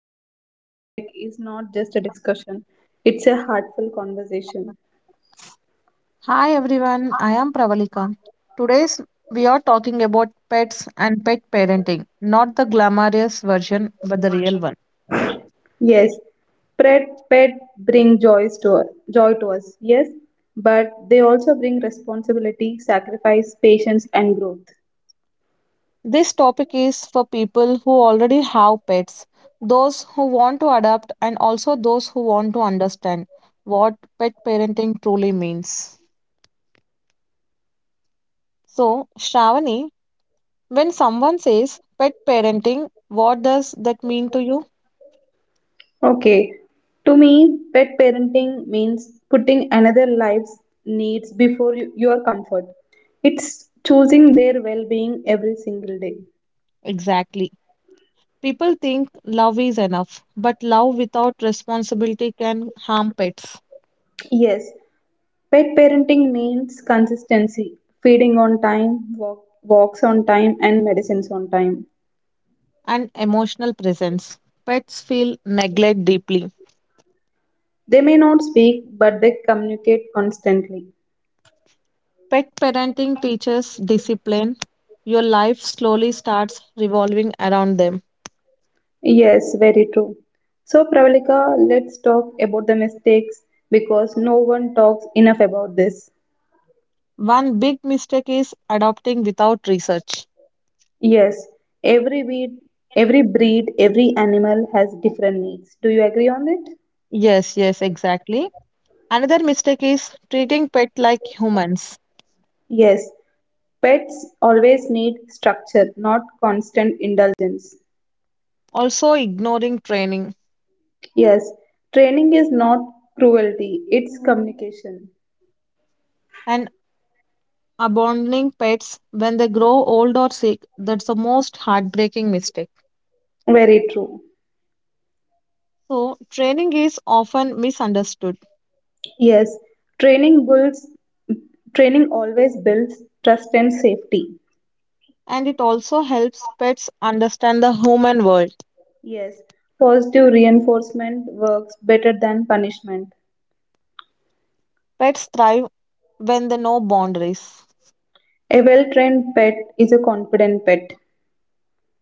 and today's topic is not just a discussion, it's a heartful conversation. Hi everyone, I am Pravalika. Today's we are talking about pets and pet parenting, not the glamorous version but the real one. Yes, pet, pet bring joys to us, joy to us, yes, but they also bring responsibility, sacrifice, patience, and growth. This topic is for people who already have pets, those who want to adopt and also those who want to understand what pet parenting truly means. So, Shravani, when someone says pet parenting, what does that mean to you? Okay, to me, pet parenting means putting another life's needs before your comfort. It's choosing their well being every single day. Exactly. People think love is enough, but love without responsibility can harm pets Yes, pet parenting means consistency, feeding on time, walks on time, and medicines on time. and emotional presence. Pets feel neglect deeply. They may not speak, but they communicate constantly. Pet parenting teaches discipline. Your life slowly starts revolving around them. Yes, very true. So, Pravalika, let's talk about the mistakes because no one talks enough about this. One big mistake is adopting without research. Yes, every breed, every breed, every animal has different needs. Do you agree on it? Yes, yes, exactly. Another mistake is treating pet like humans, Yes, pets always need structure, not constant indulgence. also ignoring training. Yes, training is not cruelty, it's communication. And abandoning pets when they grow old or sick. That's the most heartbreaking mistake. Very true. So, training is often misunderstood Yes, training builds training always builds trust and safety. and it also helps pets understand the human world. Yes, positive reinforcement works better than punishment. Pets thrive when they know boundaries, A well-trained pet is a confident pet.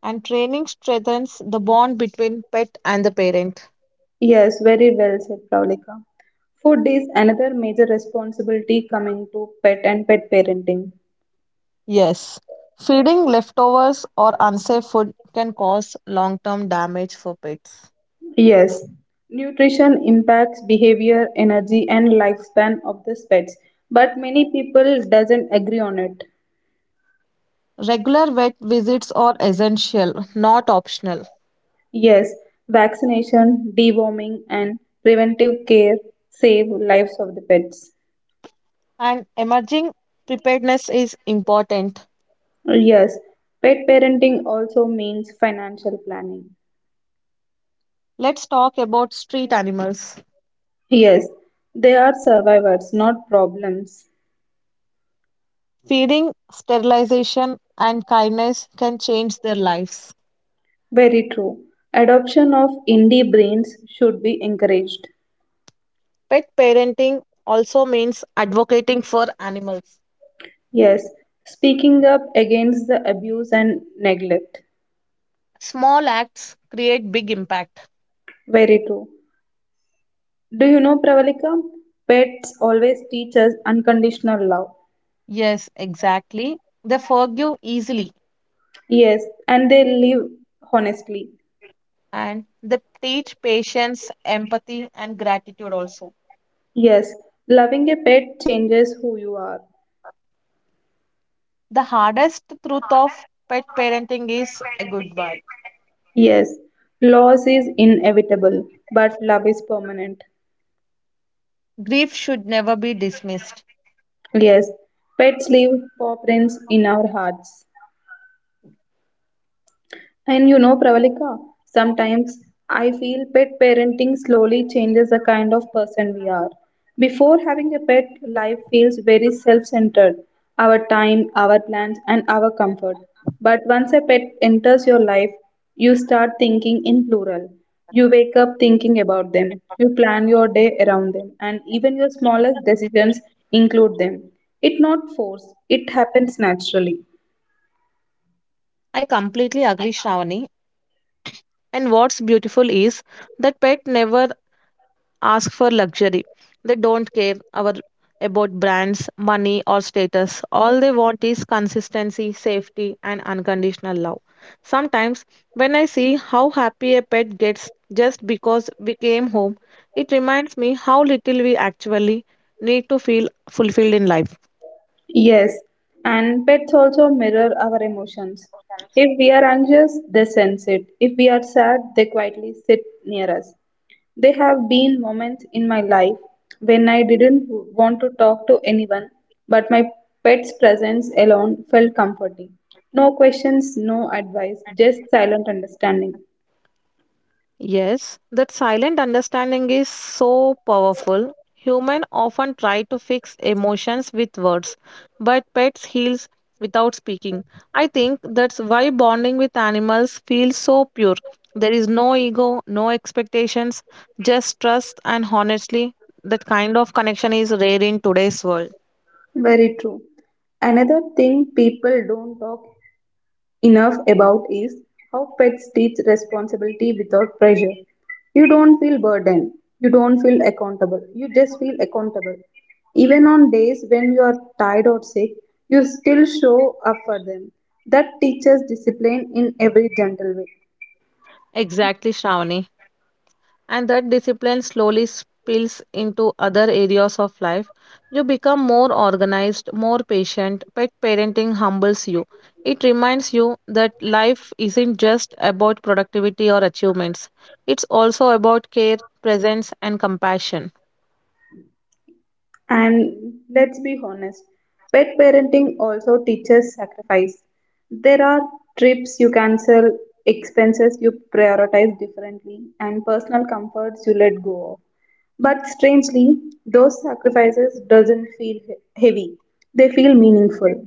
and training strengthens the bond between pet and the parent. Yes, very well said, Pravalika. Food is another major responsibility coming to pet and pet parenting. Yes, feeding leftovers or unsafe food can cause long term damage for pets. Yes, nutrition impacts behavior, energy and lifespan of the pets, but many people doesn't agree on it. Regular vet visits are essential, not optional. Yes, vaccination, deworming and preventive care save lives of the pets. And emerging preparedness is important. Yes, pet parenting also means financial planning. Let's talk about street animals. Yes, they are survivors, not problems. Feeding, sterilization, and kindness can change their lives. Very true. Adoption of indie brains should be encouraged. Pet parenting also means advocating for animals. Yes, speaking up against the abuse and neglect. Small acts create big impact. Very true. Do you know, Pravalika? Pets always teach us unconditional love. Yes, exactly. They forgive easily Yes, and they live honestly. and they teach patience, empathy, and gratitude also. Yes, loving a pet changes who you are. The hardest truth of pet parenting is a goodbye. Yes, loss is inevitable, but love is permanent. Grief should never be dismissed. Yes, pets leave paw prints in our hearts. And you know, Pravalika, sometimes I feel pet parenting slowly changes the kind of person we are. Before having a pet, life feels very self centered, our time, our plans, and our comfort. But once a pet enters your life, you start thinking in plural. You wake up thinking about them, you plan your day around them, and even your smallest decisions include them. It's not force, it happens naturally. I completely agree, Shravani. And what's beautiful is that pet never ask for luxury. They don't care our about brands, money, or status. All they want is consistency, safety, and unconditional love. Sometimes, when I see how happy a pet gets just because we came home, it reminds me how little we actually need to feel fulfilled in life. Yes, and pets also mirror our emotions. If we are anxious, they sense it. If we are sad, they quietly sit near us. There have been moments in my life when I didn't want to talk to anyone, but my pet's presence alone felt comforting. No questions, no advice, just silent understanding. Yes, that silent understanding is so powerful. Human often try to fix emotions with words, but pets heals without speaking. I think that's why bonding with animals feels so pure. There is no ego, no expectations, just trust and honestly that kind of connection is rare in today's world. Very true. Another thing people don't talk enough about is how pets teach responsibility without pressure. You don't feel burdened, you don't feel accountable, you just feel accountable. Even on days when you are tired or sick, you still show up for them. That teaches discipline in every gentle way. Exactly, Shravani. And that discipline slowly spills into other areas of life. You become more organized, more patient. Pet parenting humbles you. It reminds you that life isn't just about productivity or achievements, it's also about care, presence, and compassion. And let's be honest, pet parenting also teaches sacrifice. There are trips you cancel, expenses you prioritize differently, and personal comforts you let go of. But strangely, those sacrifices doesn't heavy. They feel meaningful.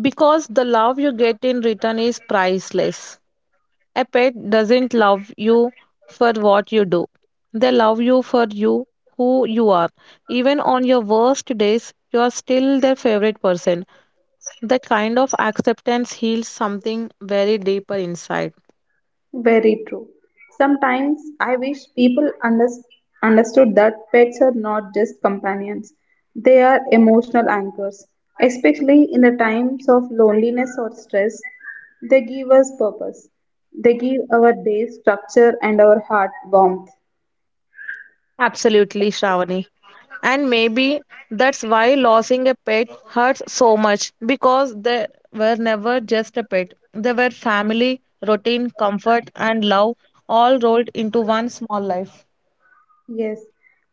Because the love you get in return is priceless. A pet doesn't love you for what you do. They love you for you, who you are. Even on your worst days, you are still their favorite person. That kind of acceptance heals something very deeper inside. Very true. Sometimes I wish people understood that pets are not just companions. They are emotional anchors, especially in the times of loneliness or stress. They give us purpose. They give our days structure and our heart warmth. Absolutely, Shravani. And maybe that's why losing a pet hurts so much because they were never just a pet. They were family, routine, comfort, and love all rolled into one small life. Yes,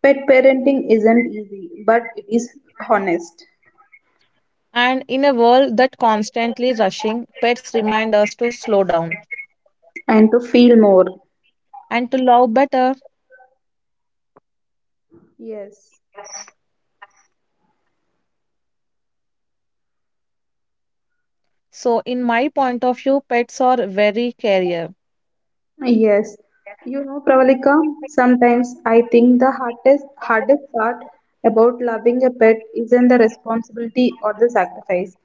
pet parenting isn't easy, but it is honest And in a world that constantly rushing, pets remind us to slow down and to feel more. and to love better. Yes, So, in my point of view, pets are very career. yes. You know, Pravalika, sometimes I think the hardest part about loving a pet isn't the responsibility or the sacrifice.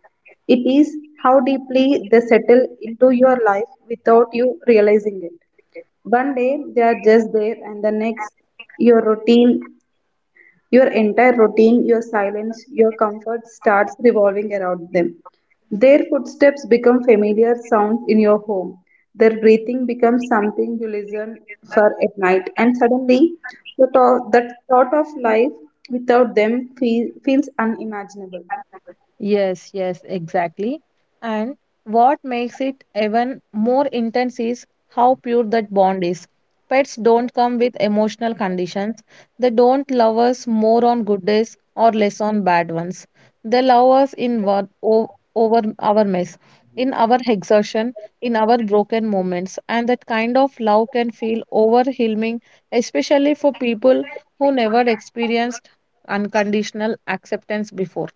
It is how deeply they settle into your life without you realizing it. One day they are just there, and the next your routine your entire routine, your silence, your comfort starts revolving around them. Their footsteps become familiar sounds in your home. Their breathing becomes something you listen for at night. And suddenly, the thought of life without them feels unimaginable. Yes, yes, exactly. And what makes it even more intense is how pure that bond is. Pets don't come with emotional conditions. They don't love us more on good days or less on bad ones. They love us in over our mess, in our exertion, in our broken moments. And that kind of love can feel overwhelming, especially for people who never experienced unconditional acceptance before.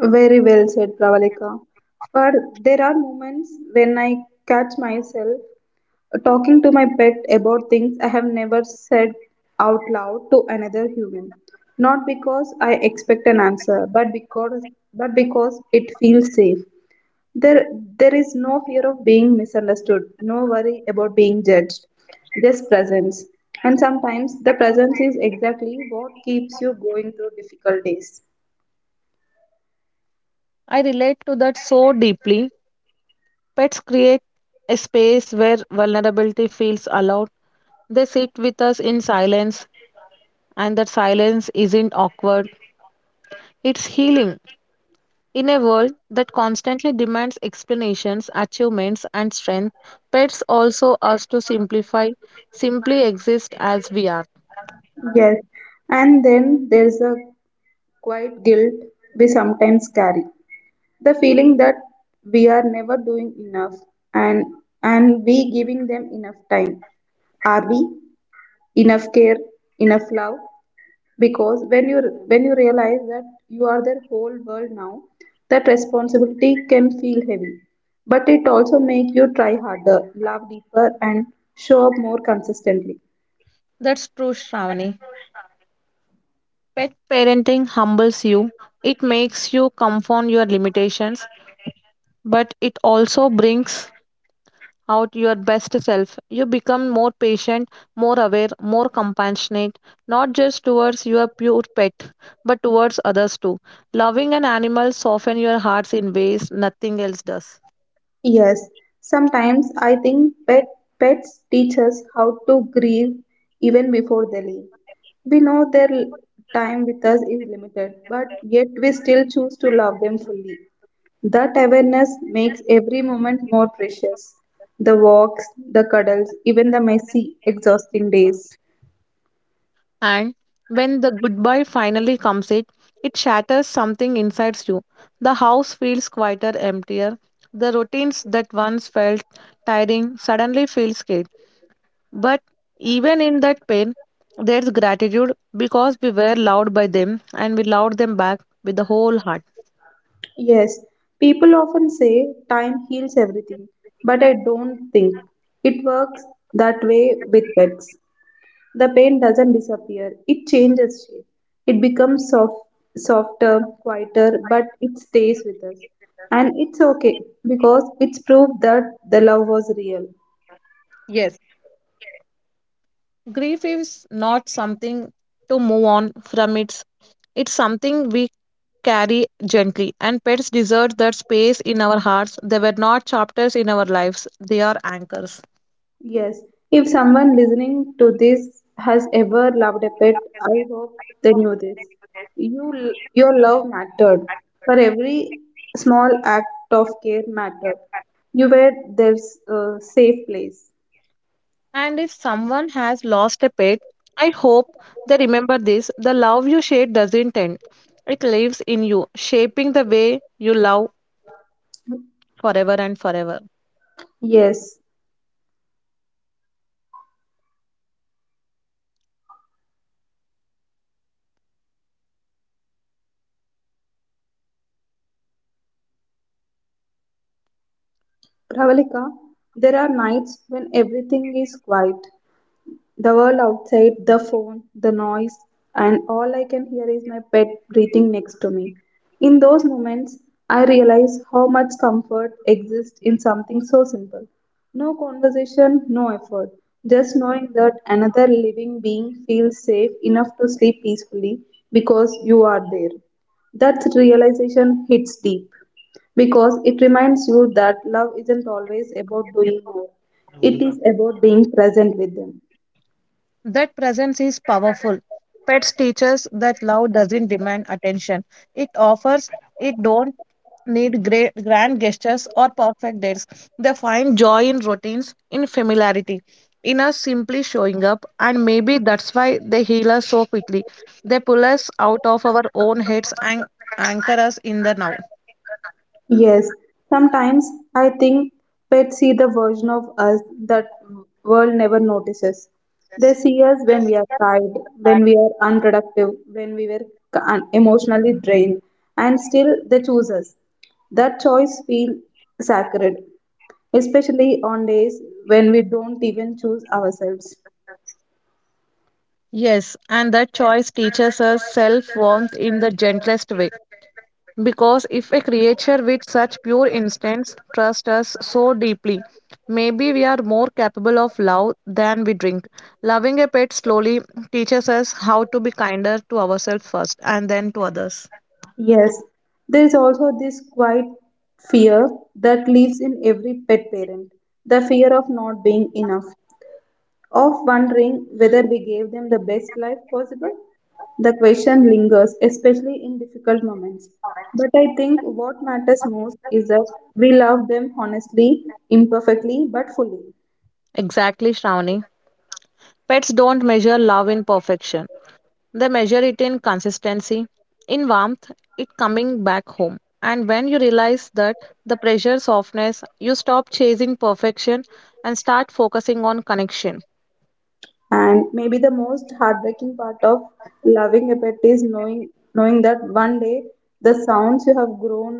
Very well said, Pravalika. For there are moments when I catch myself talking to my pet about things I have never said out loud to another human. Not because I expect an answer, but because it feels safe. There there is no fear of being misunderstood, no worry about being judged. Just presence. And sometimes the presence is exactly what keeps you going through difficult days. I relate to that so deeply. Pets create a space where vulnerability feels allowed. They sit with us in silence, and that silence isn't awkward. It's healing. In a world that constantly demands explanations, achievements, and strength, pets also ask to simplify, simply exist as we are. Yes. And then there's a quiet guilt we sometimes carry, the feeling that we are never doing enough and and we giving them enough time, are we enough care, enough love, because when you realize that you are their whole world now, that responsibility can feel heavy, but it also make you try harder, love deeper, and show up more consistently. That's true, Shravani. Pet parenting humbles you. It makes you confound your limitations, but it also brings out your best self. You become more patient, more aware, more compassionate, not just towards your pure pet, but towards others too. Loving an animal softens your hearts in ways nothing else does. Yes, sometimes I think pets teach us how to grieve even before they leave. We know their time with us is limited, but yet we still choose to love them fully. That awareness makes every moment more precious. The walks, the cuddles, even the messy, exhausting days. And when the goodbye finally comes it, it shatters something inside you. The house feels quieter, emptier. The routines that once felt tiring suddenly feel scared. But even in that pain, there's gratitude because we were loved by them and we loved them back with the whole heart. Yes, people often say time heals everything, but I don't think it works that way with pets. The paint doesn't disappear, it changes shape. It becomes softer, quieter, but it stays with us. And it's okay because it's proof that the love was real. Yes. Grief is not something to move on from. It's something we carry gently, and pets deserve that space in our hearts. They were not chapters in our lives, they are anchors. Yes, if someone listening to this has ever loved a pet, I hope they know this. Your love mattered. For every small act of care mattered. You were their safe place. And if someone has lost a pet, I hope they remember this: the love you shared doesn't end, it lives in you, shaping the way you love forever and forever. Yes, Ravalika, there are nights when everything is quiet. The world outside, the phone, the noise, and all I can hear is my pet breathing next to me. In those moments, I realize how much comfort exists in something so simple. No conversation, no effort. Just knowing that another living being feels safe enough to sleep peacefully because you are there. That realization hits deep because it reminds you that love isn't always about doing more, it is about being present with them. That presence is powerful. Pets teach us that love doesn't demand attention. It offers, it don't need great grand gestures or perfect dates. They find joy in routines, in familiarity, in us simply showing up, and maybe that's why they heal us so quickly. They pull us out of our own heads and anchor us in the now. Yes, sometimes I think pets see the version of us that world never notices. They see us when we are tired, when we are unproductive, when we were emotionally drained, and still they choose us. That choice feels sacred, especially on days when we don't even choose ourselves. Yes, and that choice teaches us self warmth in the gentlest way. Because if a creature with such pure instincts trusts us so deeply, maybe we are more capable of love than we drink. Loving a pet slowly teaches us how to be kinder to ourselves first and then to others. Yes, there is also this quiet fear that lives in every pet parent, the fear of not being enough. Of wondering whether we gave them the best life possible, the question lingers, especially in difficult moments. But I think what matters most is that we love them honestly, imperfectly, but fully. Exactly, Shravani. Pets don't measure love in perfection. They measure it in consistency, in warmth, it coming back home. And when you realize that the pressure softness, you stop chasing perfection and start focusing on connection. And maybe the most heartbreaking part of loving a pet is knowing that one day the sounds you have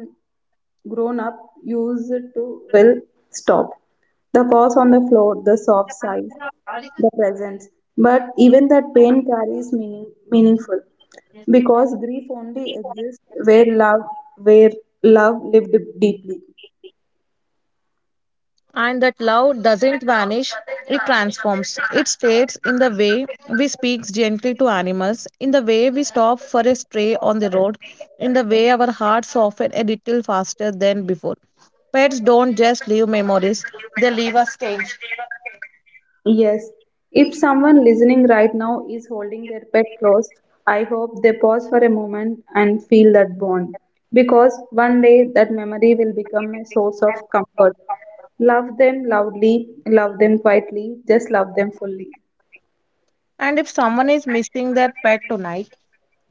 grown up used to will stop. The pause on the floor, the soft sighs, the presence. But even that pain carries meaningful because grief only exists where love lived deeply. And that love doesn't vanish, it transforms. It stays in the way we speak gently to animals, in the way we stop for a stray on the road, in the way our hearts soften a little faster than before. Pets don't just leave memories, they leave us stains. Yes, if someone listening right now is holding their pet close, I hope they pause for a moment and feel that bond because one day that memory will become a source of comfort. Love them loudly, love them quietly, just love them fully. And if someone is missing their pet tonight,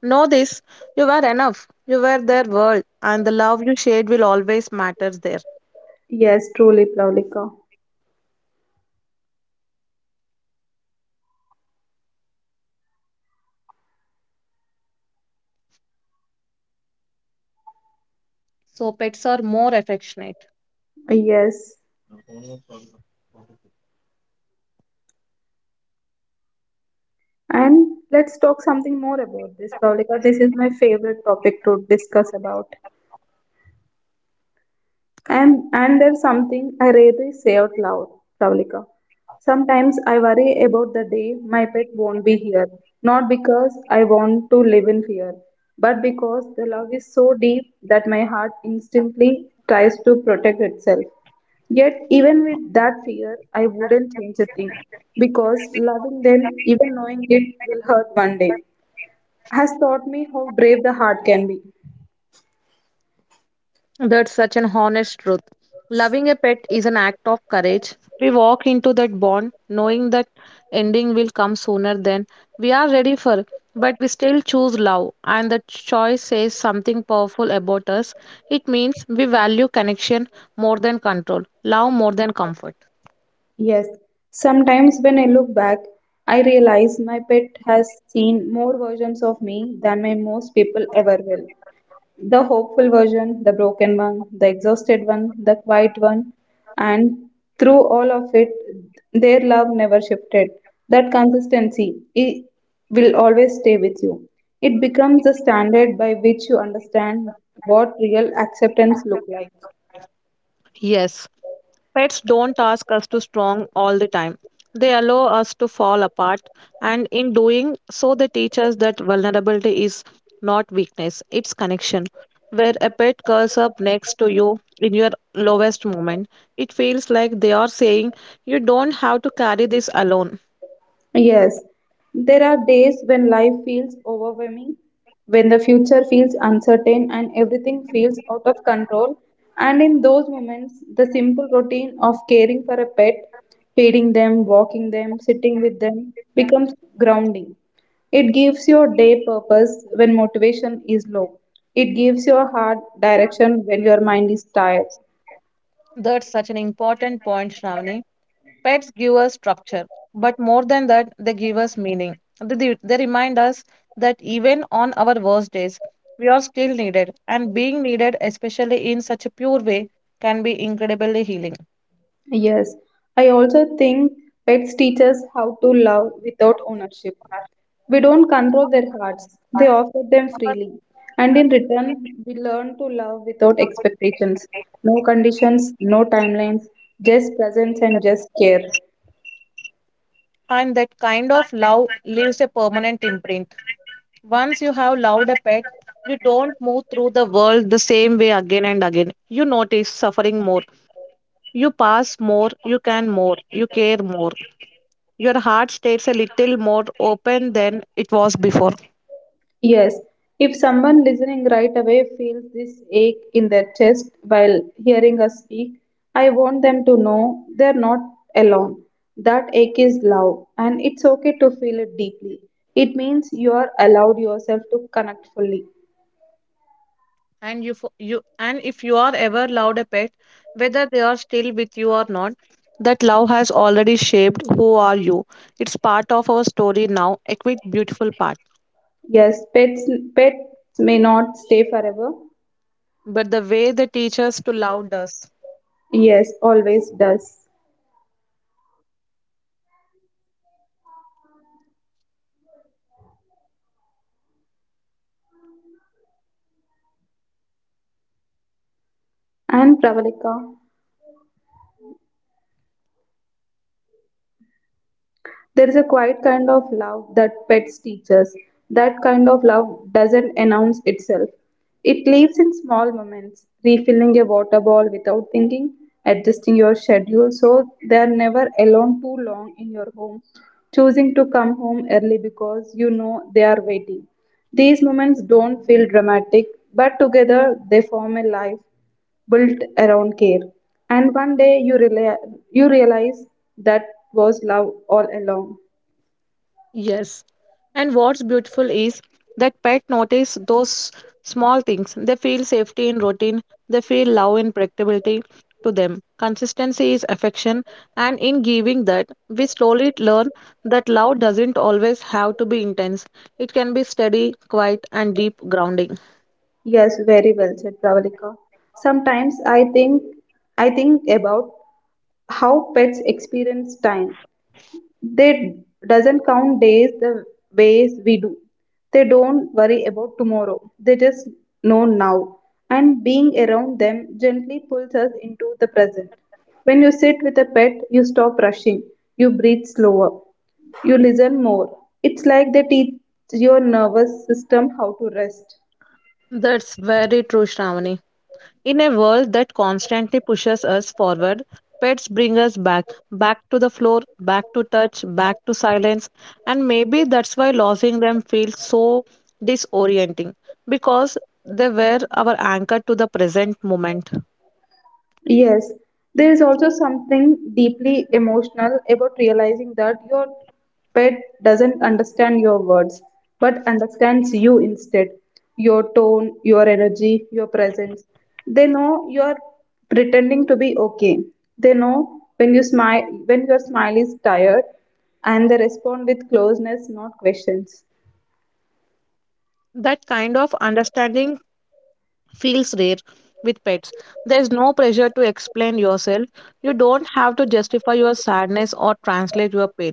know this: you were enough. You were their world, and the love you shared will always matter there. Yes, truly, Plavlika. So, pets are more affectionate. Yes. And let's talk something more about this, Pavlika. This is my favorite topic to discuss about. And there's something I rarely say out loud, Pavlika. Sometimes I worry about the day my pet won't be here. Not because I want to live in fear, but because the love is so deep that my heart instantly tries to protect itself. Yet, even with that fear, I wouldn't change a thing because loving them, even knowing it, will hurt one day, has taught me how brave the heart can be. That's such an honest truth. Loving a pet is an act of courage. We walk into that bond knowing that ending will come sooner than we are ready for, but we still choose love, and the choice says something powerful about us. It means we value connection more than control, love more than comfort. Yes, sometimes when I look back, I realize my pet has seen more versions of me than my most people ever will. The hopeful version, the broken one, the exhausted one, the quiet one, and through all of it, their love never shifted. That consistency, it will always stay with you. It becomes the standard by which you understand what real acceptance looks like. Yes. Pets don't ask us to strong all the time. They allow us to fall apart, and in doing so, they teach us that vulnerability is not weakness, it's connection. Where a pet curls up next to you in your lowest moment, it feels like they are saying, "You don't have to carry this alone." Yes, there are days when life feels overwhelming, when the future feels uncertain and everything feels out of control. And in those moments, the simple routine of caring for a pet, feeding them, walking them, sitting with them becomes grounding. It gives your day purpose when motivation is low. It gives your heart direction when your mind is tired. That's such an important point, Shravani. Pets give us structure, but more than that, they give us meaning. They remind us that even on our worst days, we are still needed, and being needed, especially in such a pure way, can be incredibly healing. Yes, I also think pets teach us how to love without ownership. We don't control their hearts, they offer them freely. And in return, we learn to love without expectations. No conditions, no timelines, just presence and just care. And that kind of love leaves a permanent imprint. Once you have loved a pet, you don't move through the world the same way again and again. You notice suffering more. You pass more, you can more, you care more. Your heart stays a little more open than it was before. Yes, if someone listening right away feels this ache in their chest while hearing us speak, I want them to know they're not alone. That ache is love, and it's okay to feel it deeply. It means you are allowed yourself to connect fully. And if you are ever loved a pet, whether they are still with you or not, that love has already shaped who are you. It's part of our story now, a quick, beautiful part. Yes, pets may not stay forever. But the way they teach us to love does. Yes, always does. And Pravalika. There is a quiet kind of love that pets teach us. That kind of love doesn't announce itself. It lives in small moments, refilling a water ball without thinking, adjusting your schedule so they are never alone too long in your home, choosing to come home early because you know they are waiting. These moments don't feel dramatic, but together they form a life built around care. And one day you, you realize that was love all along. Yes. And what's beautiful is that pet notice those small things. They feel safety in routine, they feel love and predictability to them. Consistency is affection, and in giving that, we slowly learn that love doesn't always have to be intense. It can be steady, quiet, and deep grounding. Yes, very well said, Pravalika. Sometimes I think about how pets experience time. They doesn't count days the ways we do. They don't worry about tomorrow. They just know now. And being around them gently pulls us into the present. When you sit with a pet, you stop rushing. You breathe slower. You listen more. It's like they teach your nervous system how to rest. That's very true, Shravani. In a world that constantly pushes us forward, pets bring us back, back to the floor, back to touch, back to silence, and maybe that's why losing them feels so disorienting because they were our anchor to the present moment. Yes, there is also something deeply emotional about realizing that your pet doesn't understand your words, but understands you instead. Your tone, your energy, your presence. They know you're pretending to be okay. They know when you smile, when your smile is tired, and they respond with closeness, not questions. That kind of understanding feels rare with pets. There's no pressure to explain yourself. You don't have to justify your sadness or translate your pain.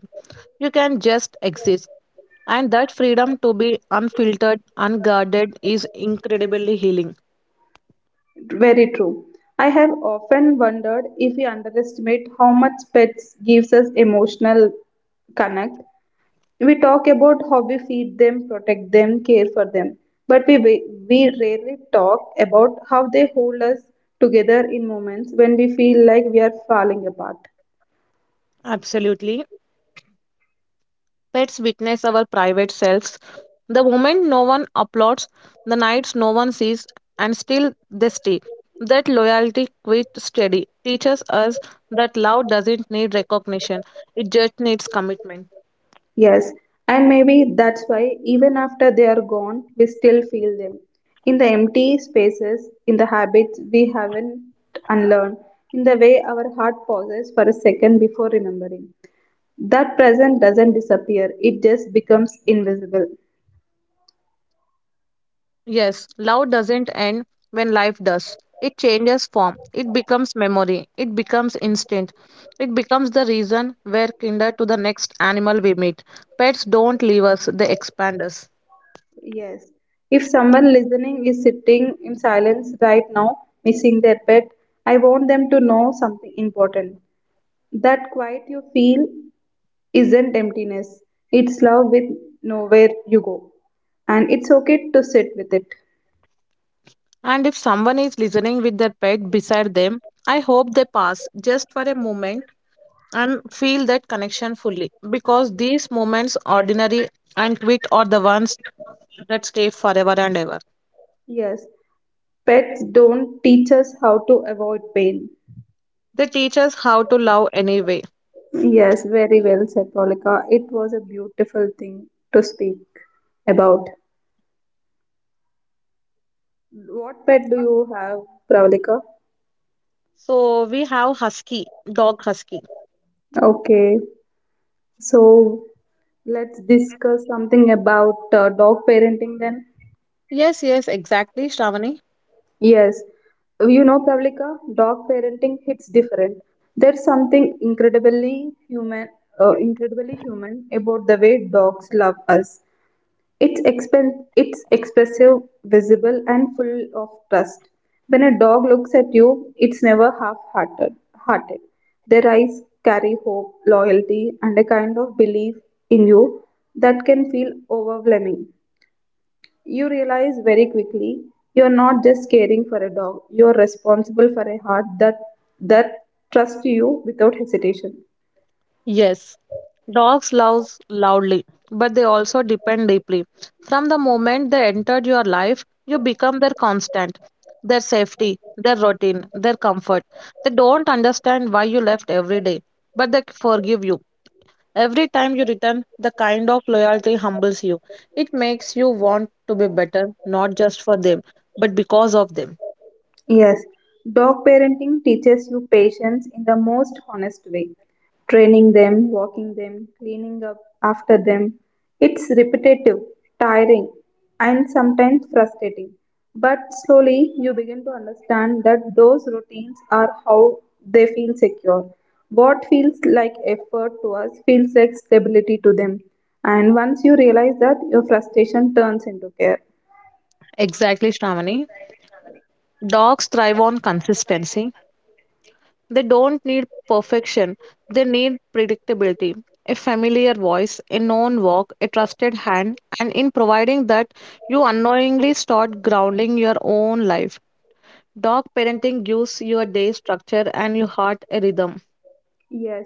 You can just exist. And that freedom to be unfiltered, unguarded is incredibly healing. Very true. I have often wondered if we underestimate how much pets gives us emotional connect. We talk about how we feed them, protect them, care for them, but we rarely talk about how they hold us together in moments when we feel like we are falling apart. Absolutely. Pets witness our private selves. The moment no one applauds, the nights no one sees, and still they stay. That loyalty quite steady teaches us that love doesn't need recognition, it just needs commitment. Yes, and maybe that's why even after they are gone, we still feel them. In the empty spaces, in the habits we haven't unlearned, in the way our heart pauses for a second before remembering. That present doesn't disappear, it just becomes invisible. Yes, love doesn't end when life does. It changes form. It becomes memory. It becomes instinct. It becomes the reason we're kinder to the next animal we meet. Pets don't leave us, they expand us. Yes. If someone listening is sitting in silence right now, missing their pet, I want them to know something important. That quiet you feel isn't emptiness, it's love with nowhere you go. And it's okay to sit with it. And if someone is listening with their pet beside them, I hope they pass just for a moment and feel that connection fully because these moments, ordinary and sweet, are the ones that stay forever and ever. Yes, pets don't teach us how to avoid pain. They teach us how to love anyway. Yes, very well said, Polika. It was a beautiful thing to speak about. What pet do you have, Pravalika? So we have husky, dog husky. Okay, so let's discuss something about dog parenting then. Yes, yes, exactly, Shravani. Yes, you know, Pravlika, dog parenting hits different. There's something incredibly human about the way dogs love us. It's expressive, visible, and full of trust. When a dog looks at you, it's never half-hearted. Hearted. Their eyes carry hope, loyalty, and a kind of belief in you that can feel overwhelming. You realize very quickly you're not just caring for a dog, you're responsible for a heart that trusts you without hesitation. Yes, dogs loves loudly, but they also depend deeply. From the moment they entered your life, you become their constant, their safety, their routine, their comfort. They don't understand why you left every day, but they forgive you. Every time you return, the kind of loyalty humbles you. It makes you want to be better, not just for them, but because of them. Yes, dog parenting teaches you patience in the most honest way. Training them, walking them, cleaning up after them. It's repetitive, tiring, and sometimes frustrating. But slowly you begin to understand that those routines are how they feel secure. What feels like effort to us feels like stability to them. And once you realize that, your frustration turns into care. Exactly, Shravani. Dogs thrive on consistency. They don't need perfection, they need predictability. A familiar voice, a known walk, a trusted hand, and in providing that, you unknowingly start grounding your own life. Dog parenting gives your day structure and your heart a rhythm. Yes,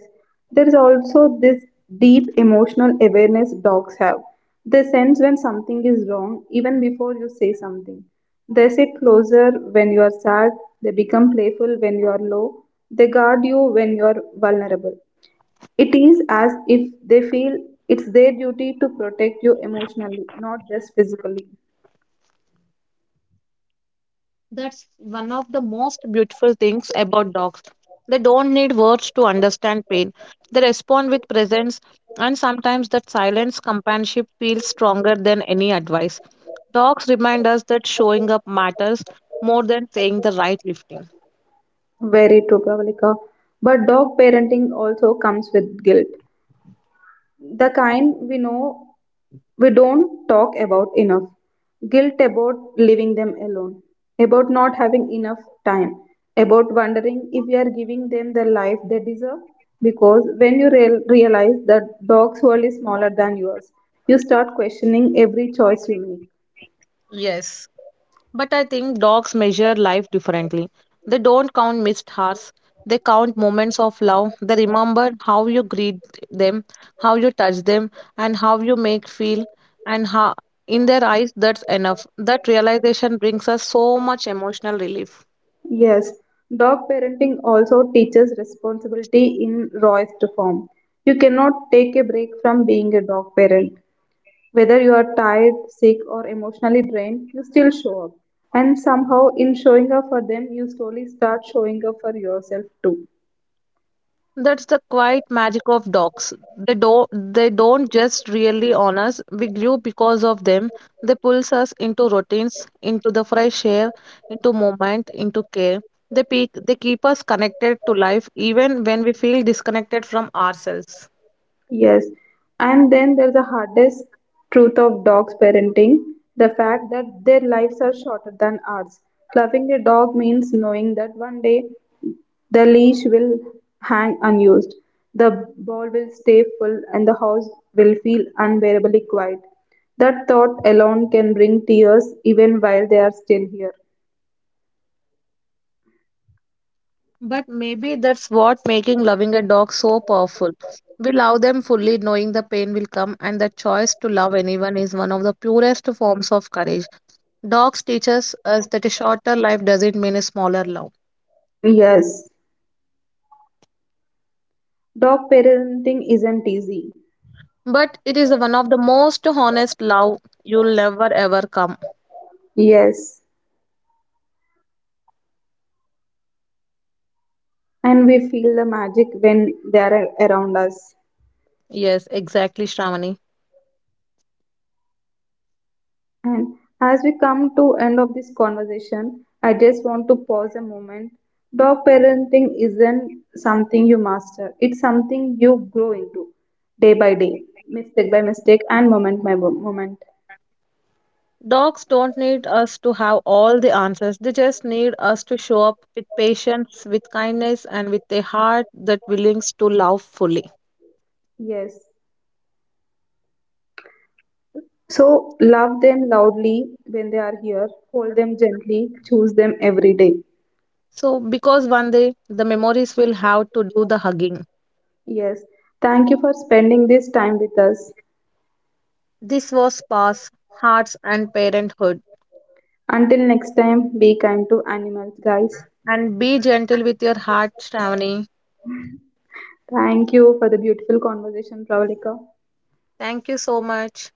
there is also this deep emotional awareness dogs have. They sense when something is wrong even before you say something. They sit closer when you are sad, they become playful when you are low, they guard you when you are vulnerable. It is as if they feel it's their duty to protect you emotionally, not just physically. That's one of the most beautiful things about dogs. They don't need words to understand pain. They respond with presence, and sometimes that silence companionship feels stronger than any advice. Dogs remind us that showing up matters more than saying the right lifting. Very true, Pravalika. But dog parenting also comes with guilt. The kind we know we don't talk about enough. Guilt about leaving them alone, about not having enough time, about wondering if we are giving them the life they deserve. Because when you realize that dog's world is smaller than yours, you start questioning every choice you make. Yes. But I think dogs measure life differently. They don't count missed hours. They count moments of love. They remember how you greet them, how you touch them, and how you make feel. And how, in their eyes, that's enough. That realization brings us so much emotional relief. Yes, dog parenting also teaches responsibility in rawest form. You cannot take a break from being a dog parent. Whether you are tired, sick, or emotionally drained, you still show up. And somehow, in showing up for them, you slowly start showing up for yourself too. That's the quiet magic of dogs. They don't just really on us. We grew because of them. They pulls us into routines, into the fresh air, into movement, into care. They keep us connected to life even when we feel disconnected from ourselves. Yes. And then there's the hardest truth of dogs parenting, the fact that their lives are shorter than ours. Loving a dog means knowing that one day the leash will hang unused, the bowl will stay full, and the house will feel unbearably quiet. That thought alone can bring tears even while they are still here. But maybe that's what making loving a dog so powerful. We love them fully knowing the pain will come and the choice to love anyone is one of the purest forms of courage. Dogs teaches us that a shorter life doesn't mean a smaller love. Yes, dog parenting isn't easy. But it is one of the most honest love you'll never ever come. Yes, and we feel the magic when they are around us. Yes, exactly, Shravani. And as we come to end of this conversation, I just want to pause a moment. Dog parenting isn't something you master. It's something you grow into day by day, mistake by mistake and moment by moment. Dogs don't need us to have all the answers. They just need us to show up with patience, with kindness, and with a heart that willing to love fully. Yes. So love them loudly when they are here, hold them gently, choose them every day. So, because one day the memories will have to do the hugging. Yes. Thank you for spending this time with us. This was past hearts and parenthood. Until next time, be kind to animals, guys. And be gentle with your heart, Shravani. Thank you for the beautiful conversation, Pravalika. Thank you so much.